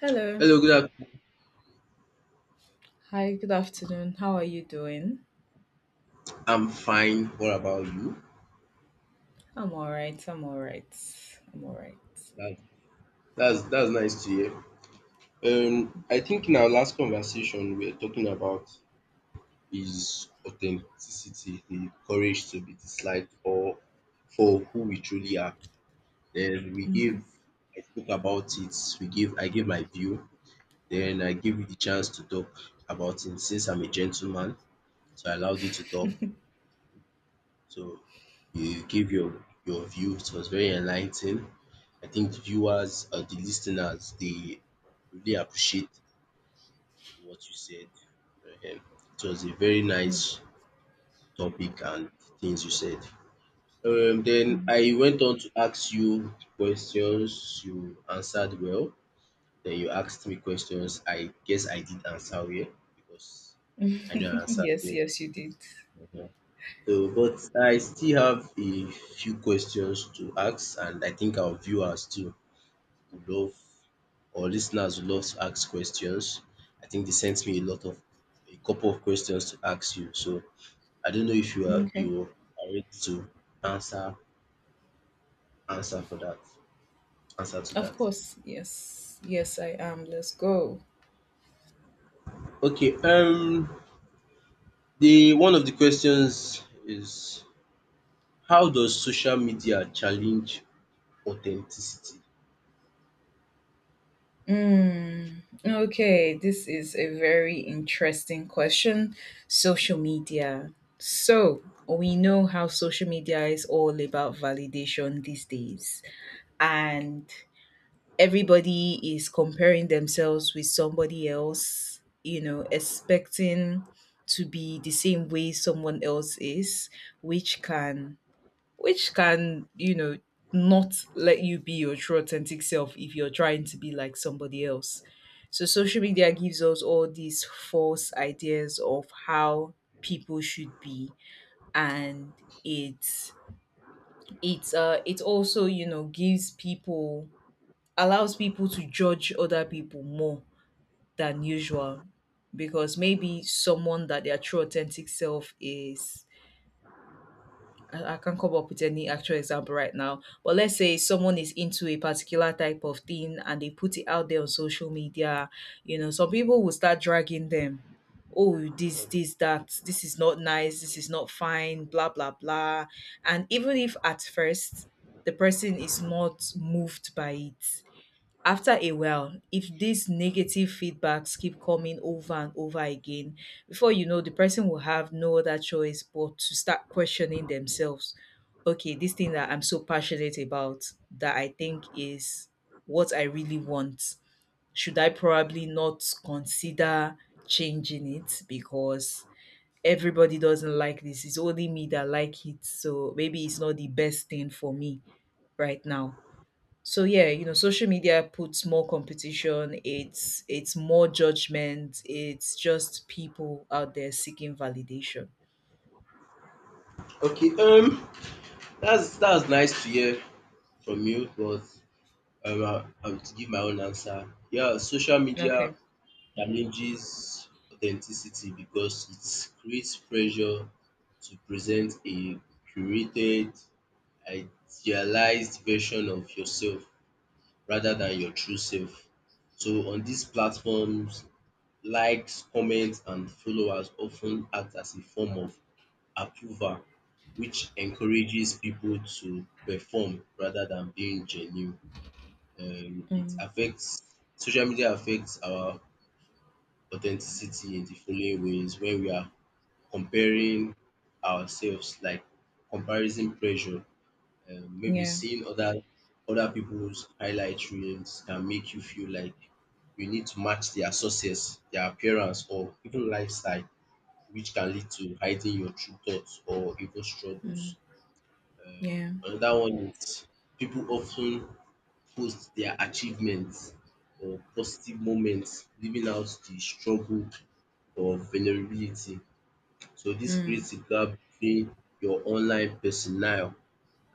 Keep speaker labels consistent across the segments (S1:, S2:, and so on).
S1: Hello.
S2: Hello, good afternoon.
S1: Hi, good afternoon. How are you doing?
S2: I'm fine. What about you?
S1: I'm all right. I'm all right. I'm all right.
S2: That, that's nice to hear. I think in our last conversation we were talking about is authenticity, the courage to be disliked or for who we truly are. Then we
S1: Mhm.
S2: give I spoke about it. We give I give my view. Then I give you the chance to talk about it. Since I'm a gentleman, so I allowed you to talk. So you give your view. It was very enlightening. I think the viewers or the listeners they really appreciate what you said. Um, it was a very nice topic and things you said. Then I went on to ask you questions. You answered well. Then you asked me questions. I guess I did answer well because I know I answered
S1: Yes,
S2: well.
S1: yes, you did.
S2: Mhm. So, but I still have a few questions to ask, and I think our viewers too would love or listeners would love to ask questions. I think they sent me a couple of questions to ask you. So I don't know if you are you
S1: Okay.
S2: are ready to answer answer for that answer to
S1: Of
S2: that.
S1: course. Yes. Yes, I am. Let's go.
S2: Okay, the one of the questions is how does social media challenge authenticity?
S1: Okay, this is a very interesting question. Social media. So, we know how social media is all about validation these days. And everybody is comparing themselves with somebody else, you know, expecting to be the same way someone else is, which can which can, you know, not let you be your true authentic self if you're trying to be like somebody else. So social media gives us all these false ideas of how people should be and it's it's it also, you know, gives people allows people to judge other people more than usual because maybe someone that their true authentic self is I can't come up with any actual example right now, but let's say someone is into a particular type of thing and they put it out there on social media, you know, some people will start dragging them. Oh, this is not nice, this is not fine, blah, blah, blah. And even if at first the person is not moved by it, after a while, if these negative feedbacks keep coming over and over again, before you know, the person will have no other choice but to start questioning themselves. Okay, this thing that I'm so passionate about that I think is what I really want, should I probably not consider changing it because everybody doesn't like this? It's only me that like it, so maybe it's not the best thing for me right now. So yeah, social media puts more competition, it's more judgment, it's just people out there seeking validation.
S2: Okay, that's nice to hear from you, but I will give my own answer. Yeah, social media
S1: Okay.
S2: damages authenticity because it creates pressure to present a curated, idealized version of yourself rather than your true self. So on these platforms, likes, comments, and followers often act as a form of approval, which encourages people to perform rather than being genuine. It
S1: Mm,
S2: affects social media affects our authenticity in the following ways when we are comparing ourselves, like comparison pressure. Maybe
S1: yeah.
S2: seeing other people's highlight reels can make you feel like you need to match their success, their appearance, or even lifestyle, which can lead to hiding your true thoughts or even
S1: Mm,
S2: struggles.
S1: yeah.
S2: Another one is people often post their achievements or positive moments, leaving out the struggle or vulnerability. So this
S1: Mm,
S2: creates a gap between your online personnel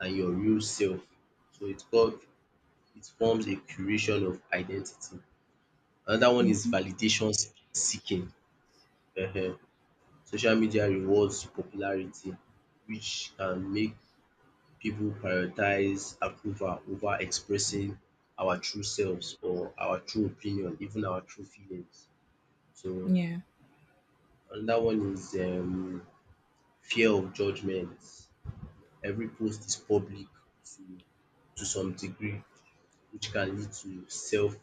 S2: and your real self. So it called it forms a curation of identity. Another one is
S1: hmm.
S2: validation seeking. um Social media rewards popularity which can make people prioritize approval over expressing our true selves or our true opinion, even our true feelings. So
S1: Yeah.
S2: another one is fear of judgement. Every post is public to to some degree, which can lead to self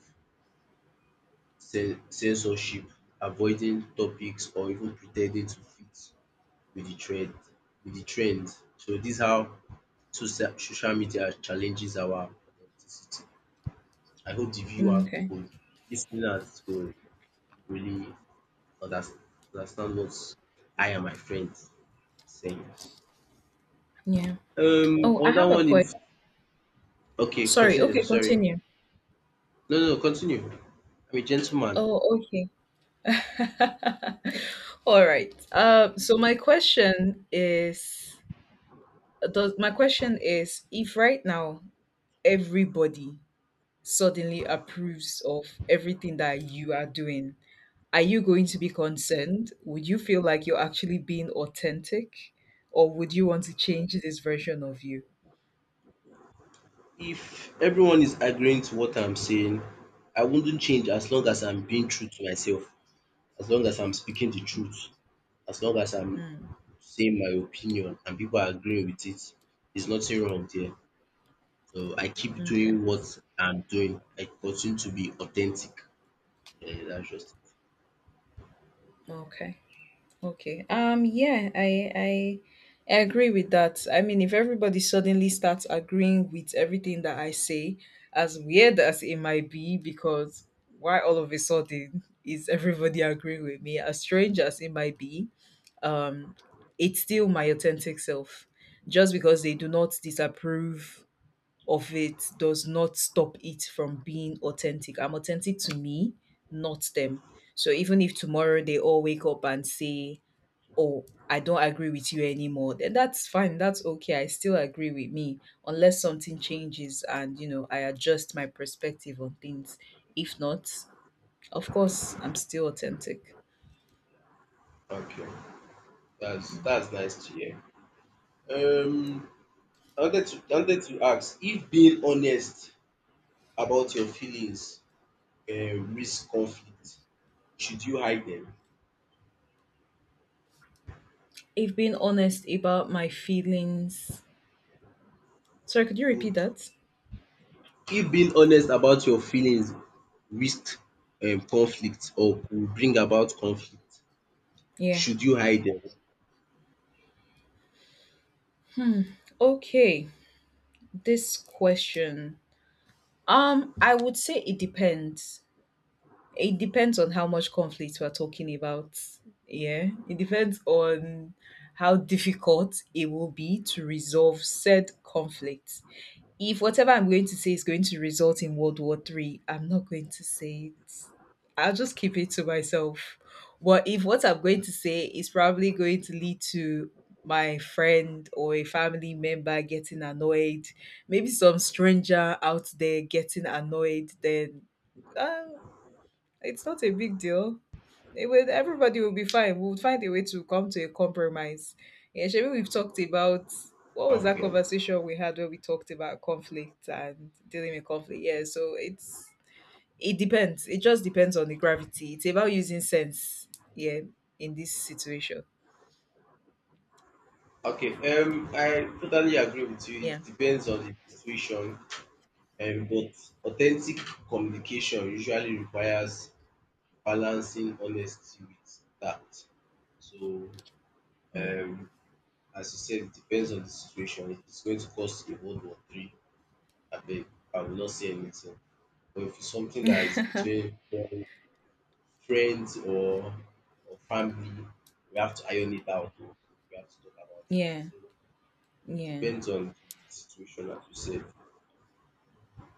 S2: censorship, avoiding topics or even pretending to fit with the trend with the trend. So this how social media challenges our authenticity. I hope the viewer
S1: Mm, okay.
S2: could lis ten could really unders- understand what I and my friends saying.
S1: Yeah. Oh, I
S2: Another
S1: have a
S2: one is
S1: question.
S2: okay,
S1: Sorry.
S2: continue,
S1: Okay,
S2: sorry.
S1: continue.
S2: No, no, continue. I'm a gentleman.
S1: Oh, okay. All right. So my question is, if right now everybody suddenly approves of everything that you are doing, are you going to be concerned? Would you feel like you're actually being authentic? Or would you want to change this version of you?
S2: If everyone is agreeing to what I'm saying, I wouldn't change as long as
S1: Mm,
S2: I'm being true to myself, as long as I'm speaking the truth, as long as I'm
S1: mm,
S2: saying my opinion and people are agreeing with it. There's nothing wrong there. So I keep
S1: okay.
S2: doing what I'm doing. I continue to be authentic. Yeah, that's just
S1: Okay. Okay. Yeah, I I agree with that. I mean, if everybody suddenly starts agreeing with everything that I say, as weird as it might be, because why all of a sudden is everybody agreeing with me? As strange as it might be, um, it's still my authentic self. Just because they do not disapprove of it does not stop it from being authentic. I'm authentic to me, not them. So even if tomorrow they all wake up and say, Oh, I don't agree with you anymore, then that's fine. That's okay. I still agree with me unless something changes and, you know, I adjust my perspective on things. If not, of course, I'm still authentic.
S2: Okay, that's nice to hear. Um, I wanted to ask if being honest about your feelings risk conflict, should you hide them?
S1: If being honest about my feelings. Sorry, could you repeat
S2: Could
S1: that?
S2: If being honest about your feelings risk conflict or could bring about conflict?
S1: Yeah.
S2: Should you hide them?
S1: Okay. This question. I would say it depends. It depends on how much conflict we're talking about. Yeah. It depends on how difficult it will be to resolve said conflict. If whatever I'm going to say is going to result in World War Three, I'm not going to say it. I'll just keep it to myself. But if what I'm going to say is probably going to lead to my friend or a family member getting annoyed, maybe some stranger out there getting annoyed, then uh, it's not a big deal. Everybody will be fine. We'll find a way to come to a compromise. Yeah, Shemi, we've talked about what was that
S2: Okay.
S1: conversation we had where we talked about conflict and dealing with conflict. Yeah, so it's it depends. It just depends on the gravity. It's about using sense. Yeah, in this situation.
S2: Okay. I totally agree with you. It
S1: Yeah.
S2: depends on the situation. But authentic communication usually requires balancing honesty with that. So um as you said, it depends on the situation. If it's going to cost a World War III, abeg, I will not say anything. Or if it's something that is
S1: Mm.
S2: between friends or family, we have to iron it out. We have to talk about it.
S1: Yeah.
S2: So it
S1: Yeah.
S2: depends on the situation, as you said.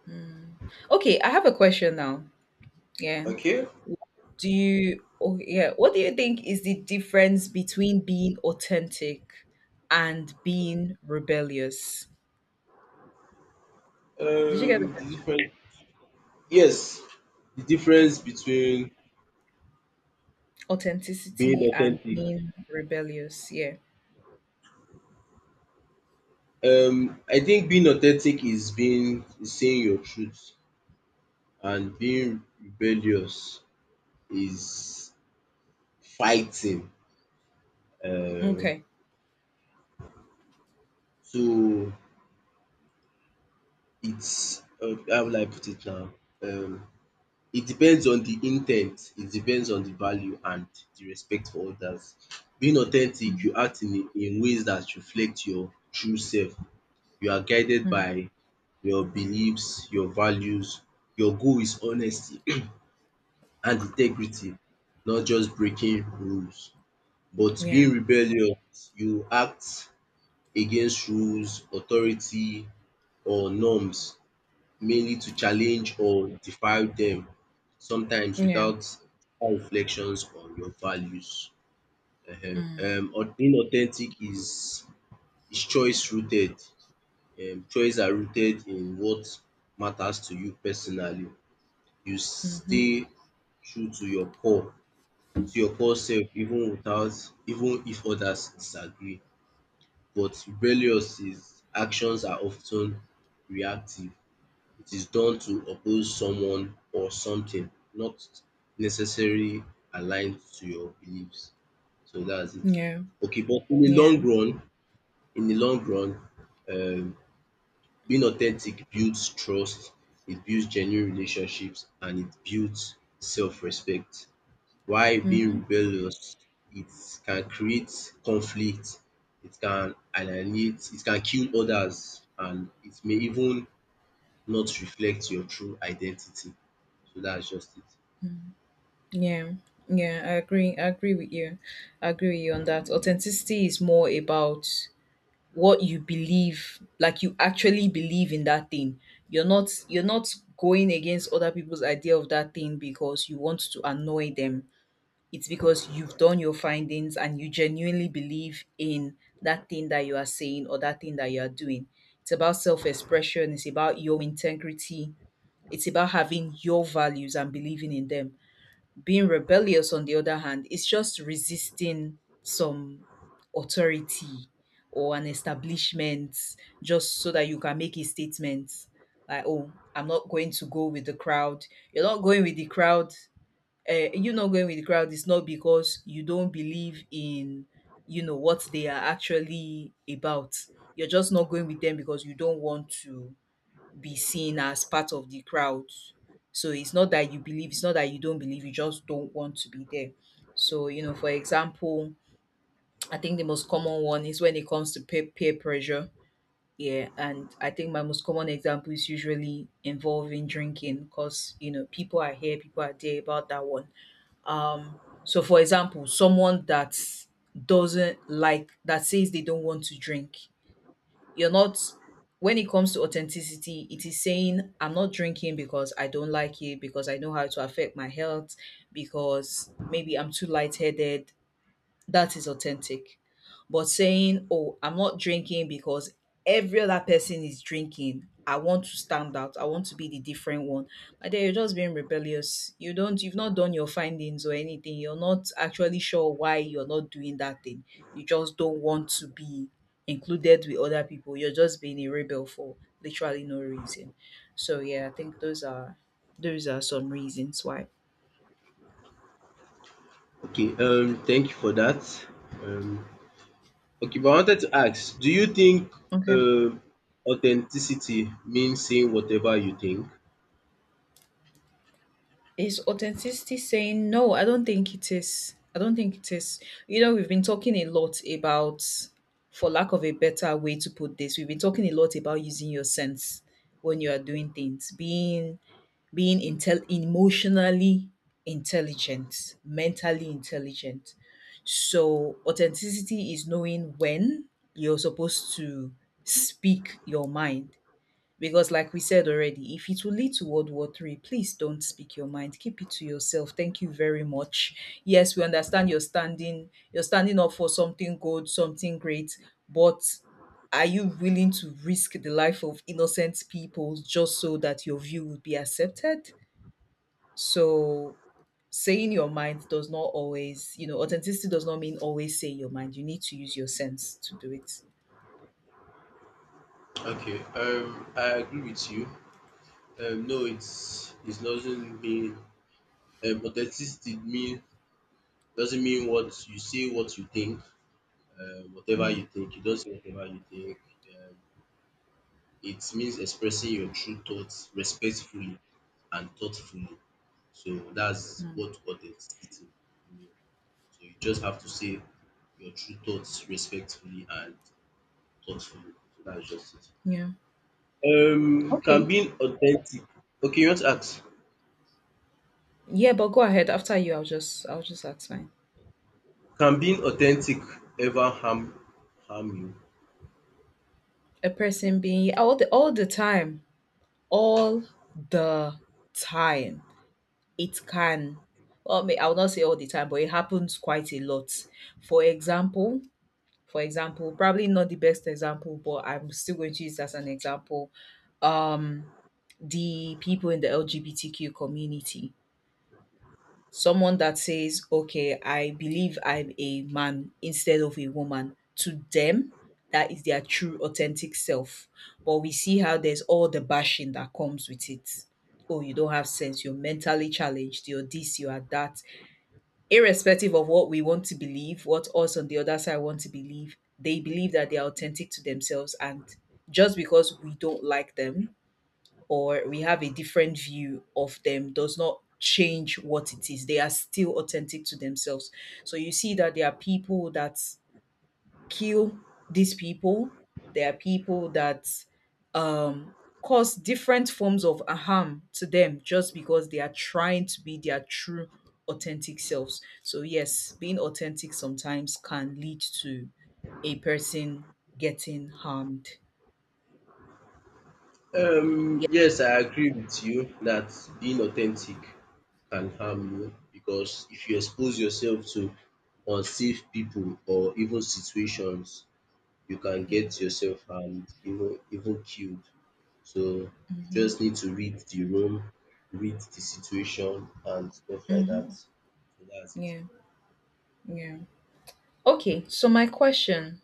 S1: Mm. Okay, I have a question now. Yeah.
S2: Okay.
S1: Do you oh yeah, what do you think is the difference between being authentic and being rebellious? Did you get the
S2: The
S1: question?
S2: difference. Yes, the difference
S1: Okay.
S2: between being
S1: Authenticity and
S2: authentic.
S1: being rebellious. Yeah.
S2: I think being authentic is being is saying your truth, and being rebellious is fighting. Um,
S1: Okay.
S2: so it's how will I put it now. um it depends on the intent. It depends on the value and the respect for others. Being authentic
S1: Mm,
S2: you act in ways that reflect your true self. You are guided
S1: mm.
S2: by your beliefs, your values. Your goal is honesty and integrity, not just breaking rules. But being
S1: Yeah.
S2: rebellious, you act against rules, authority or norms mainly to challenge or defy them, sometimes
S1: Yeah.
S2: without deeper reflections on your values. Ehen.
S1: Mm.
S2: Being authentic is choice rooted. Choice are rooted in what matters to you personally. You
S1: Hmm. Mm-hmm.
S2: stay true to your core self, even if others disagree. But rebellious is actions are often reactive. It is done to oppose someone or something not necessarily aligned to your beliefs. So that's it.
S1: Yeah.
S2: Okay, but in the long
S1: Yeah.
S2: run, in the long run, um, being authentic builds trust, it builds genuine relationships, and it builds self-respect. While being
S1: Mm-hmm.
S2: rebellious, it can create conflict, it can alienate, it can kill others, and it may even not reflect your true identity. So that's just it.
S1: Mm-hmm. Yeah. Yeah, I agree. I agree with you. I agree with you on that. Authenticity is more about what you believe, like you actually believe in that thing. You're not going against other people's idea of that thing because you want to annoy them. It's because you've done your findings and you genuinely believe in that thing that you are saying or that thing that you are doing. It's about self-expression, it's about your integrity, it's about having your values and believing in them. Being rebellious, on the other hand, is just resisting some authority or an establishment just so that you can make a statement like, oh, I'm not going to go with the crowd. You're not going with the crowd. You not going with the crowd. It's not because you don't believe in, you know, what they are actually about. You're just not going with them because you don't want to be seen as part of the crowd. So it's not that you believe, it's not that you don't believe, you just don't want to be there. So, you know, for example, I think the most common one is when it comes to peer pressure. Yeah. And I think my most common example is usually involving drinking because, you know, people are here, people are there about that one. Um, so, for example, someone that doesn't like, that says they don't want to drink, you're not when it comes to authenticity, it is saying I'm not drinking because I don't like it, because I know how to affect my health, because maybe I'm too lightheaded, that is authentic. But saying, "Oh, I'm not drinking because every other person is drinking. I want to stand out. I want to be the different one." But then you're just being rebellious. You've not done your findings or anything. You're not actually sure why you're not doing that thing. You just don't want to be included with other people. You're just being a rebel for literally no reason. So yeah, I think those are some reasons why.
S2: Okay, thank you for that. Um okay, but I wanted to ask, do you think
S1: Okay.
S2: um authenticity means saying whatever you think?
S1: Is authenticity saying no? I don't think it is. I don't think it is. You know, we've been talking a lot about, for lack of a better way to put this, we've been talking a lot about using your sense when you are doing things, being emotionally intelligent, mentally intelligent. So authenticity is knowing when you're supposed to speak your mind because like we said already, if it will lead to World War Three, please don't speak your mind. Keep it to yourself. Thank you very much. Yes, we understand you're standing up for something good, something great, but are you willing to risk the life of innocent people just so that your view would be accepted? So saying your mind does not always, you know, authenticity does not mean always say your mind. You need to use your sense to do it.
S2: Okay, I agree with you. No, it doesn't mean authenticity mean doesn't mean what you think, whatever you
S1: Mm,
S2: think, you don't say whatever you think. Um It means expressing your true thoughts respectfully and thoughtfully. So that's
S1: mm,
S2: what authenticity means. So you just have to say your true thoughts respectfully and thoughtfully. So that's just it.
S1: yeah.
S2: Can
S1: Okay.
S2: being authentic. Okay, you want to ask?
S1: Yeah, but go ahead. After you, I'll just ask mine.
S2: Can being authentic ever harm you?
S1: A person being all the time, all the time. It can. Well, I will not say all the time, but it happens quite a lot. For example, for example, probably not the best example, but I'm still going to use it as an example. Um, the people in the LGBTQ community, someone that says, okay, I believe I'm a man instead of a woman, to them, that is their true authentic self. But we see how there's all the bashing that comes with it. Oh, you don't have sense. You're mentally challenged. You're this, you are that. Irrespective of what we want to believe, what us on the other side want to believe, they believe that they are authentic to themselves. And just because we don't like them or we have a different view of them does not change what it is. They are still authentic to themselves. So you see that there are people that kill these people, there are people that um, cause different forms of harm to them just because they are trying to be their true authentic selves. So yes, being authentic sometimes can lead to a person getting harmed. Yeah.
S2: Yes, I agree with you that being authentic can harm you because if you expose yourself to unsafe people or even situations, you can
S1: Yeah.
S2: get yourself harmed, even killed. So you
S1: Mm-hmm.
S2: just need to read the room, read the situation and stuff like that.
S1: Mm-hmm.
S2: So that's it.
S1: Yeah. Yeah. Okay, so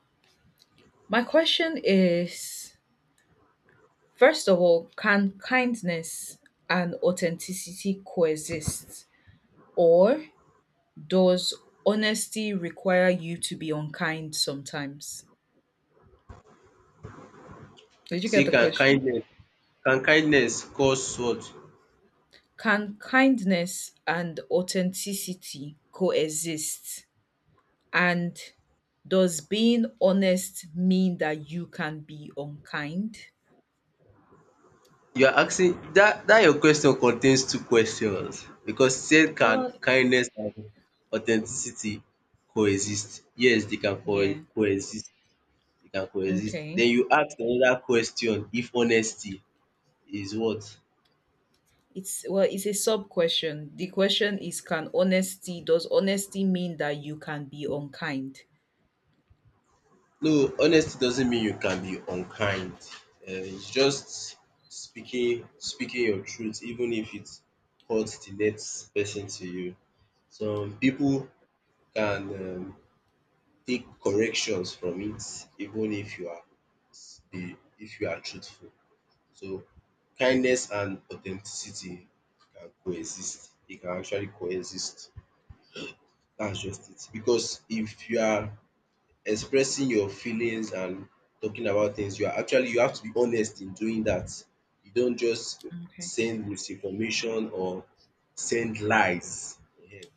S1: my question is, first of all, can kindness and authenticity coexist, or does honesty require you to be unkind sometimes? Did you get
S2: See,
S1: the
S2: can
S1: question?
S2: kindness can kindness cause what?
S1: Can kindness and authenticity coexist, and does being honest mean that you can be unkind?
S2: You are asking dat your question contains two questions because you said can
S1: Oh,
S2: kindness and authenticity coexist? Yes, dey can
S1: yeah.
S2: coexist, dey can coexist.
S1: Okay.
S2: Den you ask another question if honesty is what?
S1: It's well, it's a sub question. The question is, can honesty does honesty mean that you can be unkind?
S2: No, honesty doesn't mean you can be unkind. It's just speaking your truth even if it hurts de next person to you. Some pipu can take corrections from it even if you are s- the if you are truthful. So kindness and authenticity can coexist. They can actually coexist. That's just it. Because if you are expressing your feelings and talking about things, you are actually you have to be honest in doing that. You don't just
S1: Okay.
S2: send misinformation or send lies. Ehen.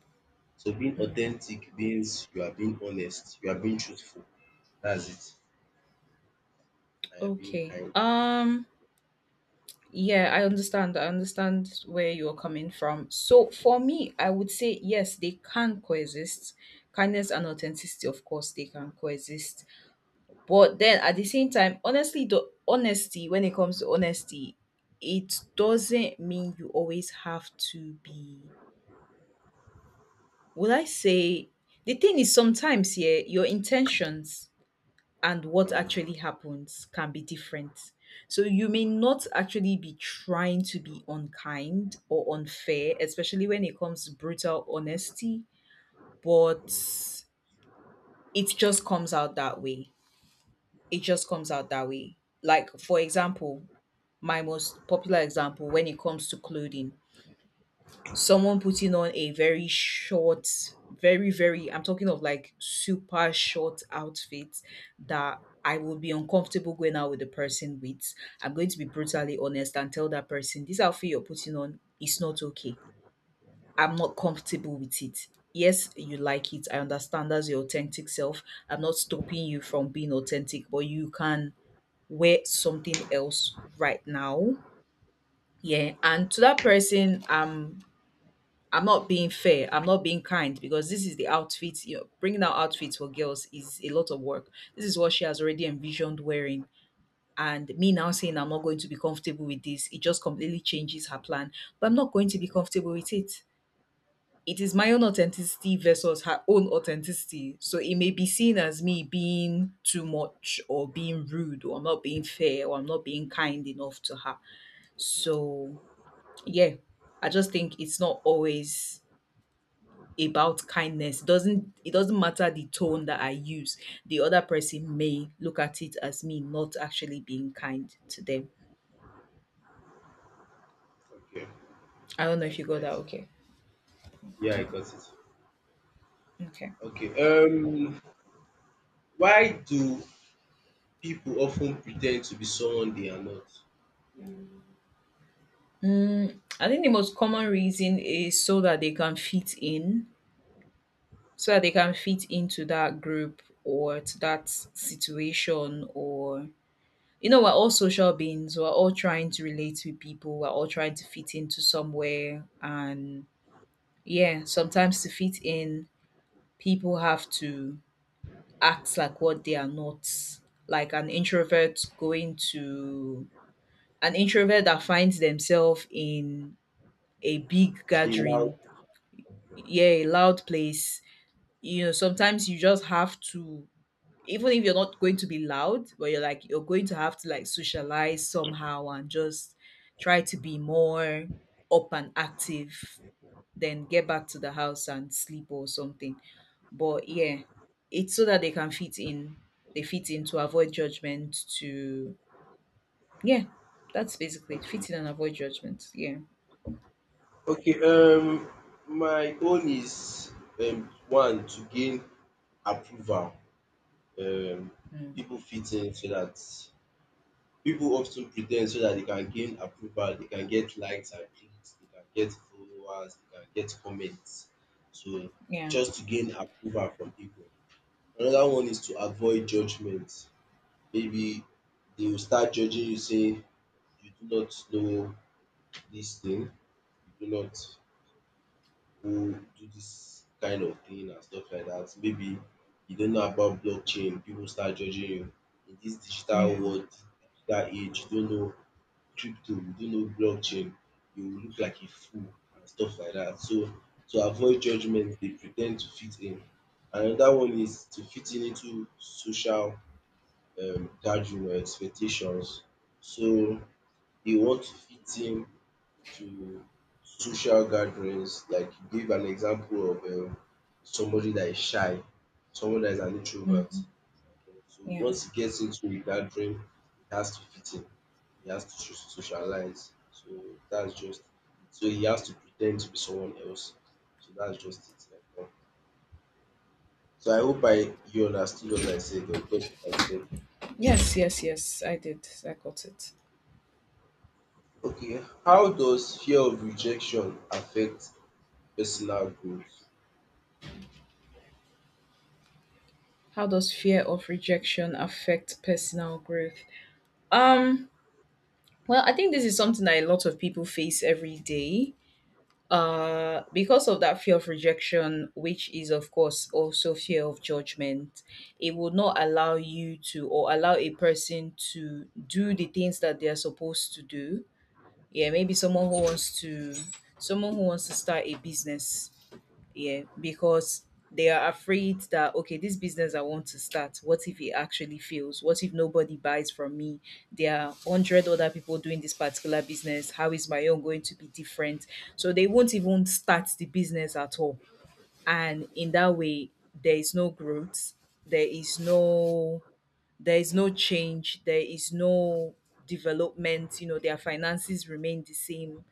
S2: So being
S1: Mm.
S2: authentic means you are being honest, you are being truthful. That's it. I being
S1: Okay.
S2: kind.
S1: Yeah, I understand. I understand where you're coming from. So for me, I would say yes, they can coexist. Kindness and authenticity, of course, they can coexist. But then at the same time, honestly, the honesty, when it comes to honesty, it doesn't mean you always have to be— Would I say— the thing is sometimes here your intentions and what
S2: Mm,
S1: actually happens can be different. So you may not actually be trying to be unkind or unfair, especially when it comes to brutal honesty, but it just comes out that way. It just comes out that way. Like for example, my most popular example, when it comes to clothing, someone putting on a very short, very, very, I'm talking of like super short outfit that I would be uncomfortable going out with the person with. I'm going to be brutally honest and tell that person, this outfit you're putting on is not okay. I'm not comfortable with it. Yes, you like it. I understand that's your authentic self. I'm not stopping you from being authentic, but you can wear something else right now. Yeah. And to that person, I'm not being fair. I'm not being kind because this is the outfit. Bringing out outfits for girls is a lot of work. This is what she has already envisioned wearing. And me now saying I'm not going to be comfortable with this, it just completely changes her plan. But I'm not going to be comfortable with it. It is my own authenticity versus her own authenticity. So it may be seen as me being too much or being rude or not being fair or I'm not being kind enough to her. So, yeah, I just think it's not always about kindness. Doesn't it doesn't matter the tone that I use. The other person may look at it as me not actually being kind to them.
S2: okay,
S1: I don't know if
S2: that's
S1: you got that.
S2: nice.
S1: Okay.
S2: Yeah, I got it.
S1: Okay.
S2: Okay. Why do people often pretend to be someone they are not?
S1: Mm, I think the most common reason is so that they can fit in, so that they can fit into that group or to that situation, or you know, we're all social beings. We're all trying to relate with people. We're all trying to fit into somewhere. And yeah, sometimes to fit in, people have to act like what they are not. Like an introvert going to— an introvert that finds themselves in a big
S2: In how?
S1: gathering, yeah, a loud place. You know, sometimes you just have to— even if you're not going to be loud, but you're like— you're going to have to like socialize somehow and just try to be more up and active, then get back to the house and sleep or something. But yeah, it's so that they can fit in. They fit in to avoid judgment. To— yeah, that's basically it.
S2: Okay.
S1: Fit in and avoid judgment. Yeah.
S2: Okay. My own is one, to gain approval. Um,
S1: Mm.
S2: people fit in so that People often pretend so that they can gain approval, they can get likes and clicks, they can get followers, they can get comments. So
S1: Yeah,
S2: just to gain approval from people. Another one is to avoid judgement. Maybe they will start judging you say you do not know this thing, you do not go do this kind of thing and stuff like that. Maybe you don't know about blockchain, people start judging you. In this digital
S1: yeah.
S2: world, digital age, you don't know crypto, you don't know blockchain, you will look like a fool and stuff like that. So to avoid judgment, they pretend to fit in. Another one is to fit in into social gathering or expectations. So they want to fit in to social gatherings. Like you gave an example of somebody that is shy, someone that is an introvert.
S1: Hmm.
S2: So
S1: Yeah.
S2: once he gets into a gathering, he has to fit in. He has to socialize. So that's just it. So he has to pretend to be someone else. So that's just it. Like, yeah. So I hope I you understood what I said or got what I said.
S1: Yes, yes, yes. I did. I got it.
S2: Okay. How does fear of rejection affect personal growth?
S1: How does fear of rejection affect personal growth? Um. Well, I think this is something that a lot of people face every day because of that fear of rejection, which is of course also fear of judgment. It would not allow you to, or allow a person to do the things that they are supposed to do. Yeah, maybe someone who wants to— someone who wants to start a business. Yeah, because they are afraid that, okay, this business I want to start, what if it actually fails? What if nobody buys from me? There are 100 other people doing this particular business. How is my own going to be different? So they won't even start the business at all, and in that way there is no growth. There is no— there is no change. There is no development. You know, their finances remain the same.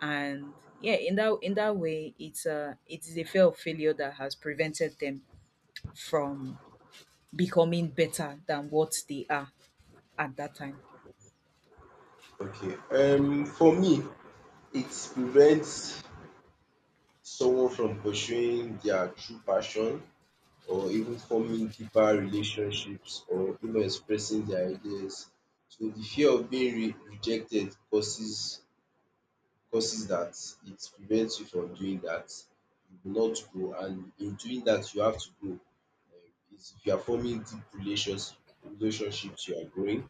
S1: And yeah, in that— in that way, it's a— it is a fear of failure that has prevented them from becoming better than what they are at that time.
S2: Okay. For me, it prevents someone from pursuing their true passion or even forming deeper relationships or expressing their ideas. So the fear of being re rejected causes that, it prevents you from doing that. You will not grow and in doing that you have to grow. Is if you are forming deep relationships you are growing.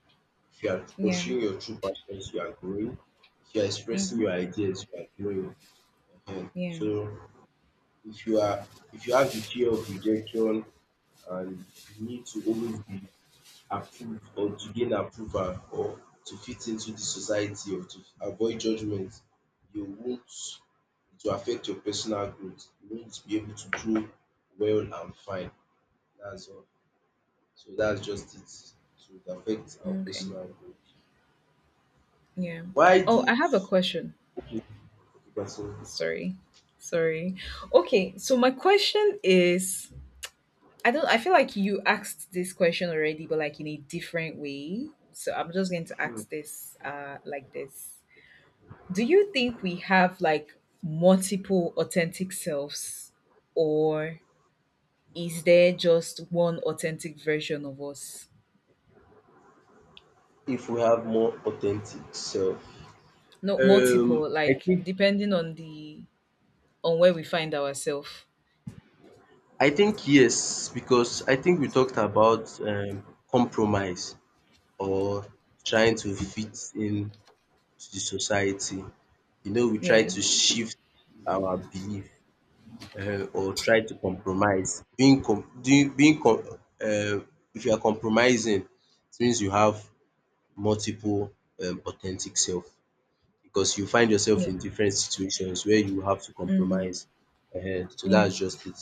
S2: If you are
S1: Yeah.
S2: pursuing your true passions you are growing. If you are expressing your
S1: Mm-hmm.
S2: ideas you are growing. Ehen.
S1: Yeah.
S2: So if you have the fear of rejection and the need to always be approve or to gain approval or to fit into the society or to avoid judgement, you won't it will affect your personal growth. You won't be able to grow well and fine. That's all. So that's just it. So it affects our
S1: Okay.
S2: personal growth.
S1: Yeah.
S2: Why
S1: Oh,
S2: do
S1: I have a question.
S2: Okay, okay, continue.
S1: Sorry. Sorry. Okay, so my question is, I don't I feel like you asked this question already, but like in a different way. So I'm just going to ask this like this. Do you think we have like multiple authentic selves, or is there just one authentic version of us?
S2: If we have more authentic self.
S1: No, multiple,
S2: Um I
S1: like
S2: think
S1: depending on the— on where we find ourselves.
S2: I think yes because I think we talked about compromise. Or trying to fit in to the society. You know, we try
S1: Yeah.
S2: to shift our belief or try to compromise. Being com doing being com um if you are compromising, it means you have multiple authentic self because you find yourself
S1: Yeah.
S2: in different situations where you have to
S1: Mm-hmm.
S2: compromise. So
S1: Yeah.
S2: that's just it.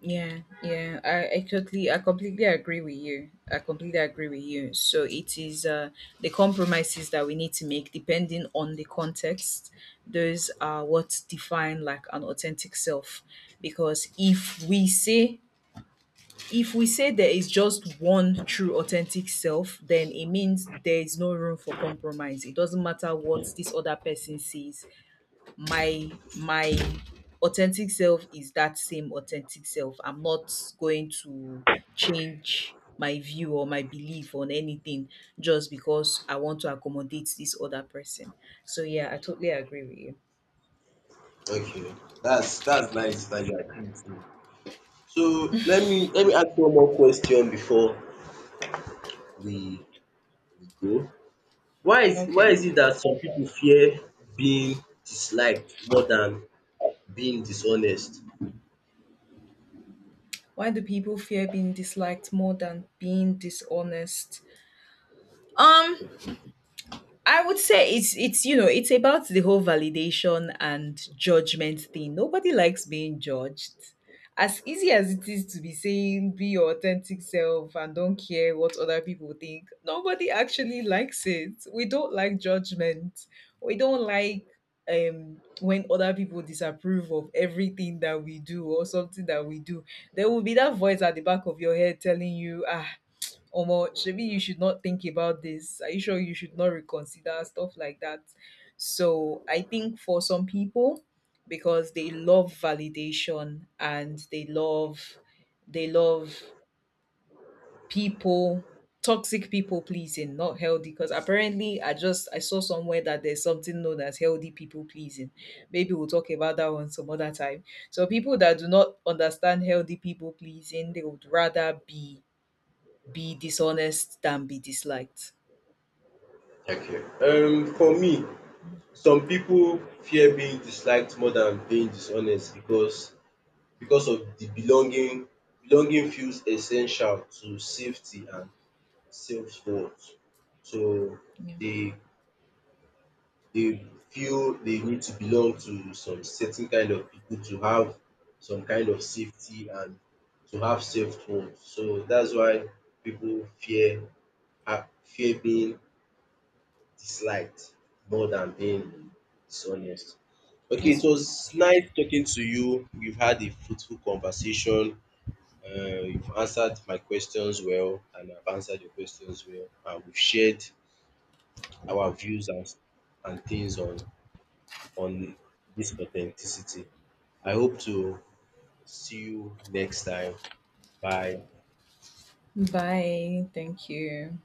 S1: Yeah, yeah, I totally— I completely agree with you. I completely agree with you. So it is the compromises that we need to make depending on the context. Those are what define like an authentic self. Because if we say there is just one true authentic self, then it means there is no room for compromise. It doesn't matter what this other person sees. My my authentic self is that same authentic self. I'm not going to change my view or my belief on anything just because I want to accommodate this other person. So yeah, I totally agree with you.
S2: Okay, that's nice that you agree with. So let me ask one more question before we grow. Why is why
S1: Okay.
S2: is it that some people fear being disliked more than being dishonest?
S1: Why do people fear being disliked more than being dishonest? Um I would say it's you know it's about the whole validation and judgment thing. Nobody likes being judged. As easy as it is to be saying be your authentic self and don't care what other people think, nobody actually likes it. We don't like judgment. We don't like when other people disapprove of everything that we do or something that we do. There will be that voice at the back of your head telling you, ah, Omo, maybe you should not think about this. Are you sure? You should not reconsider, stuff like that? So I think for some people, because they love validation and they love— they love people, toxic people pleasing, not healthy. Because apparently I saw somewhere that there's something known as healthy people pleasing. Maybe we'll talk about that one some other time. So people that do not understand healthy people pleasing, they would rather be— be dishonest than be disliked.
S2: Okay, for me, some people fear being disliked more than being dishonest because of the belonging feels essential to safety and self worth. So
S1: Yeah.
S2: dey They feel they need to belong to some certain kind of people to have some kind of safety and to have safe home. So that's why people fear fear being disliked more than being dishonest. Okay, it
S1: This one.
S2: was nice talking to you. We've had a fruitful conversation. You've answered my questions well, and I've answered your questions well. And we've shared our views and things on this authenticity. I hope to see you next time. Bye.
S1: Bye. Thank you.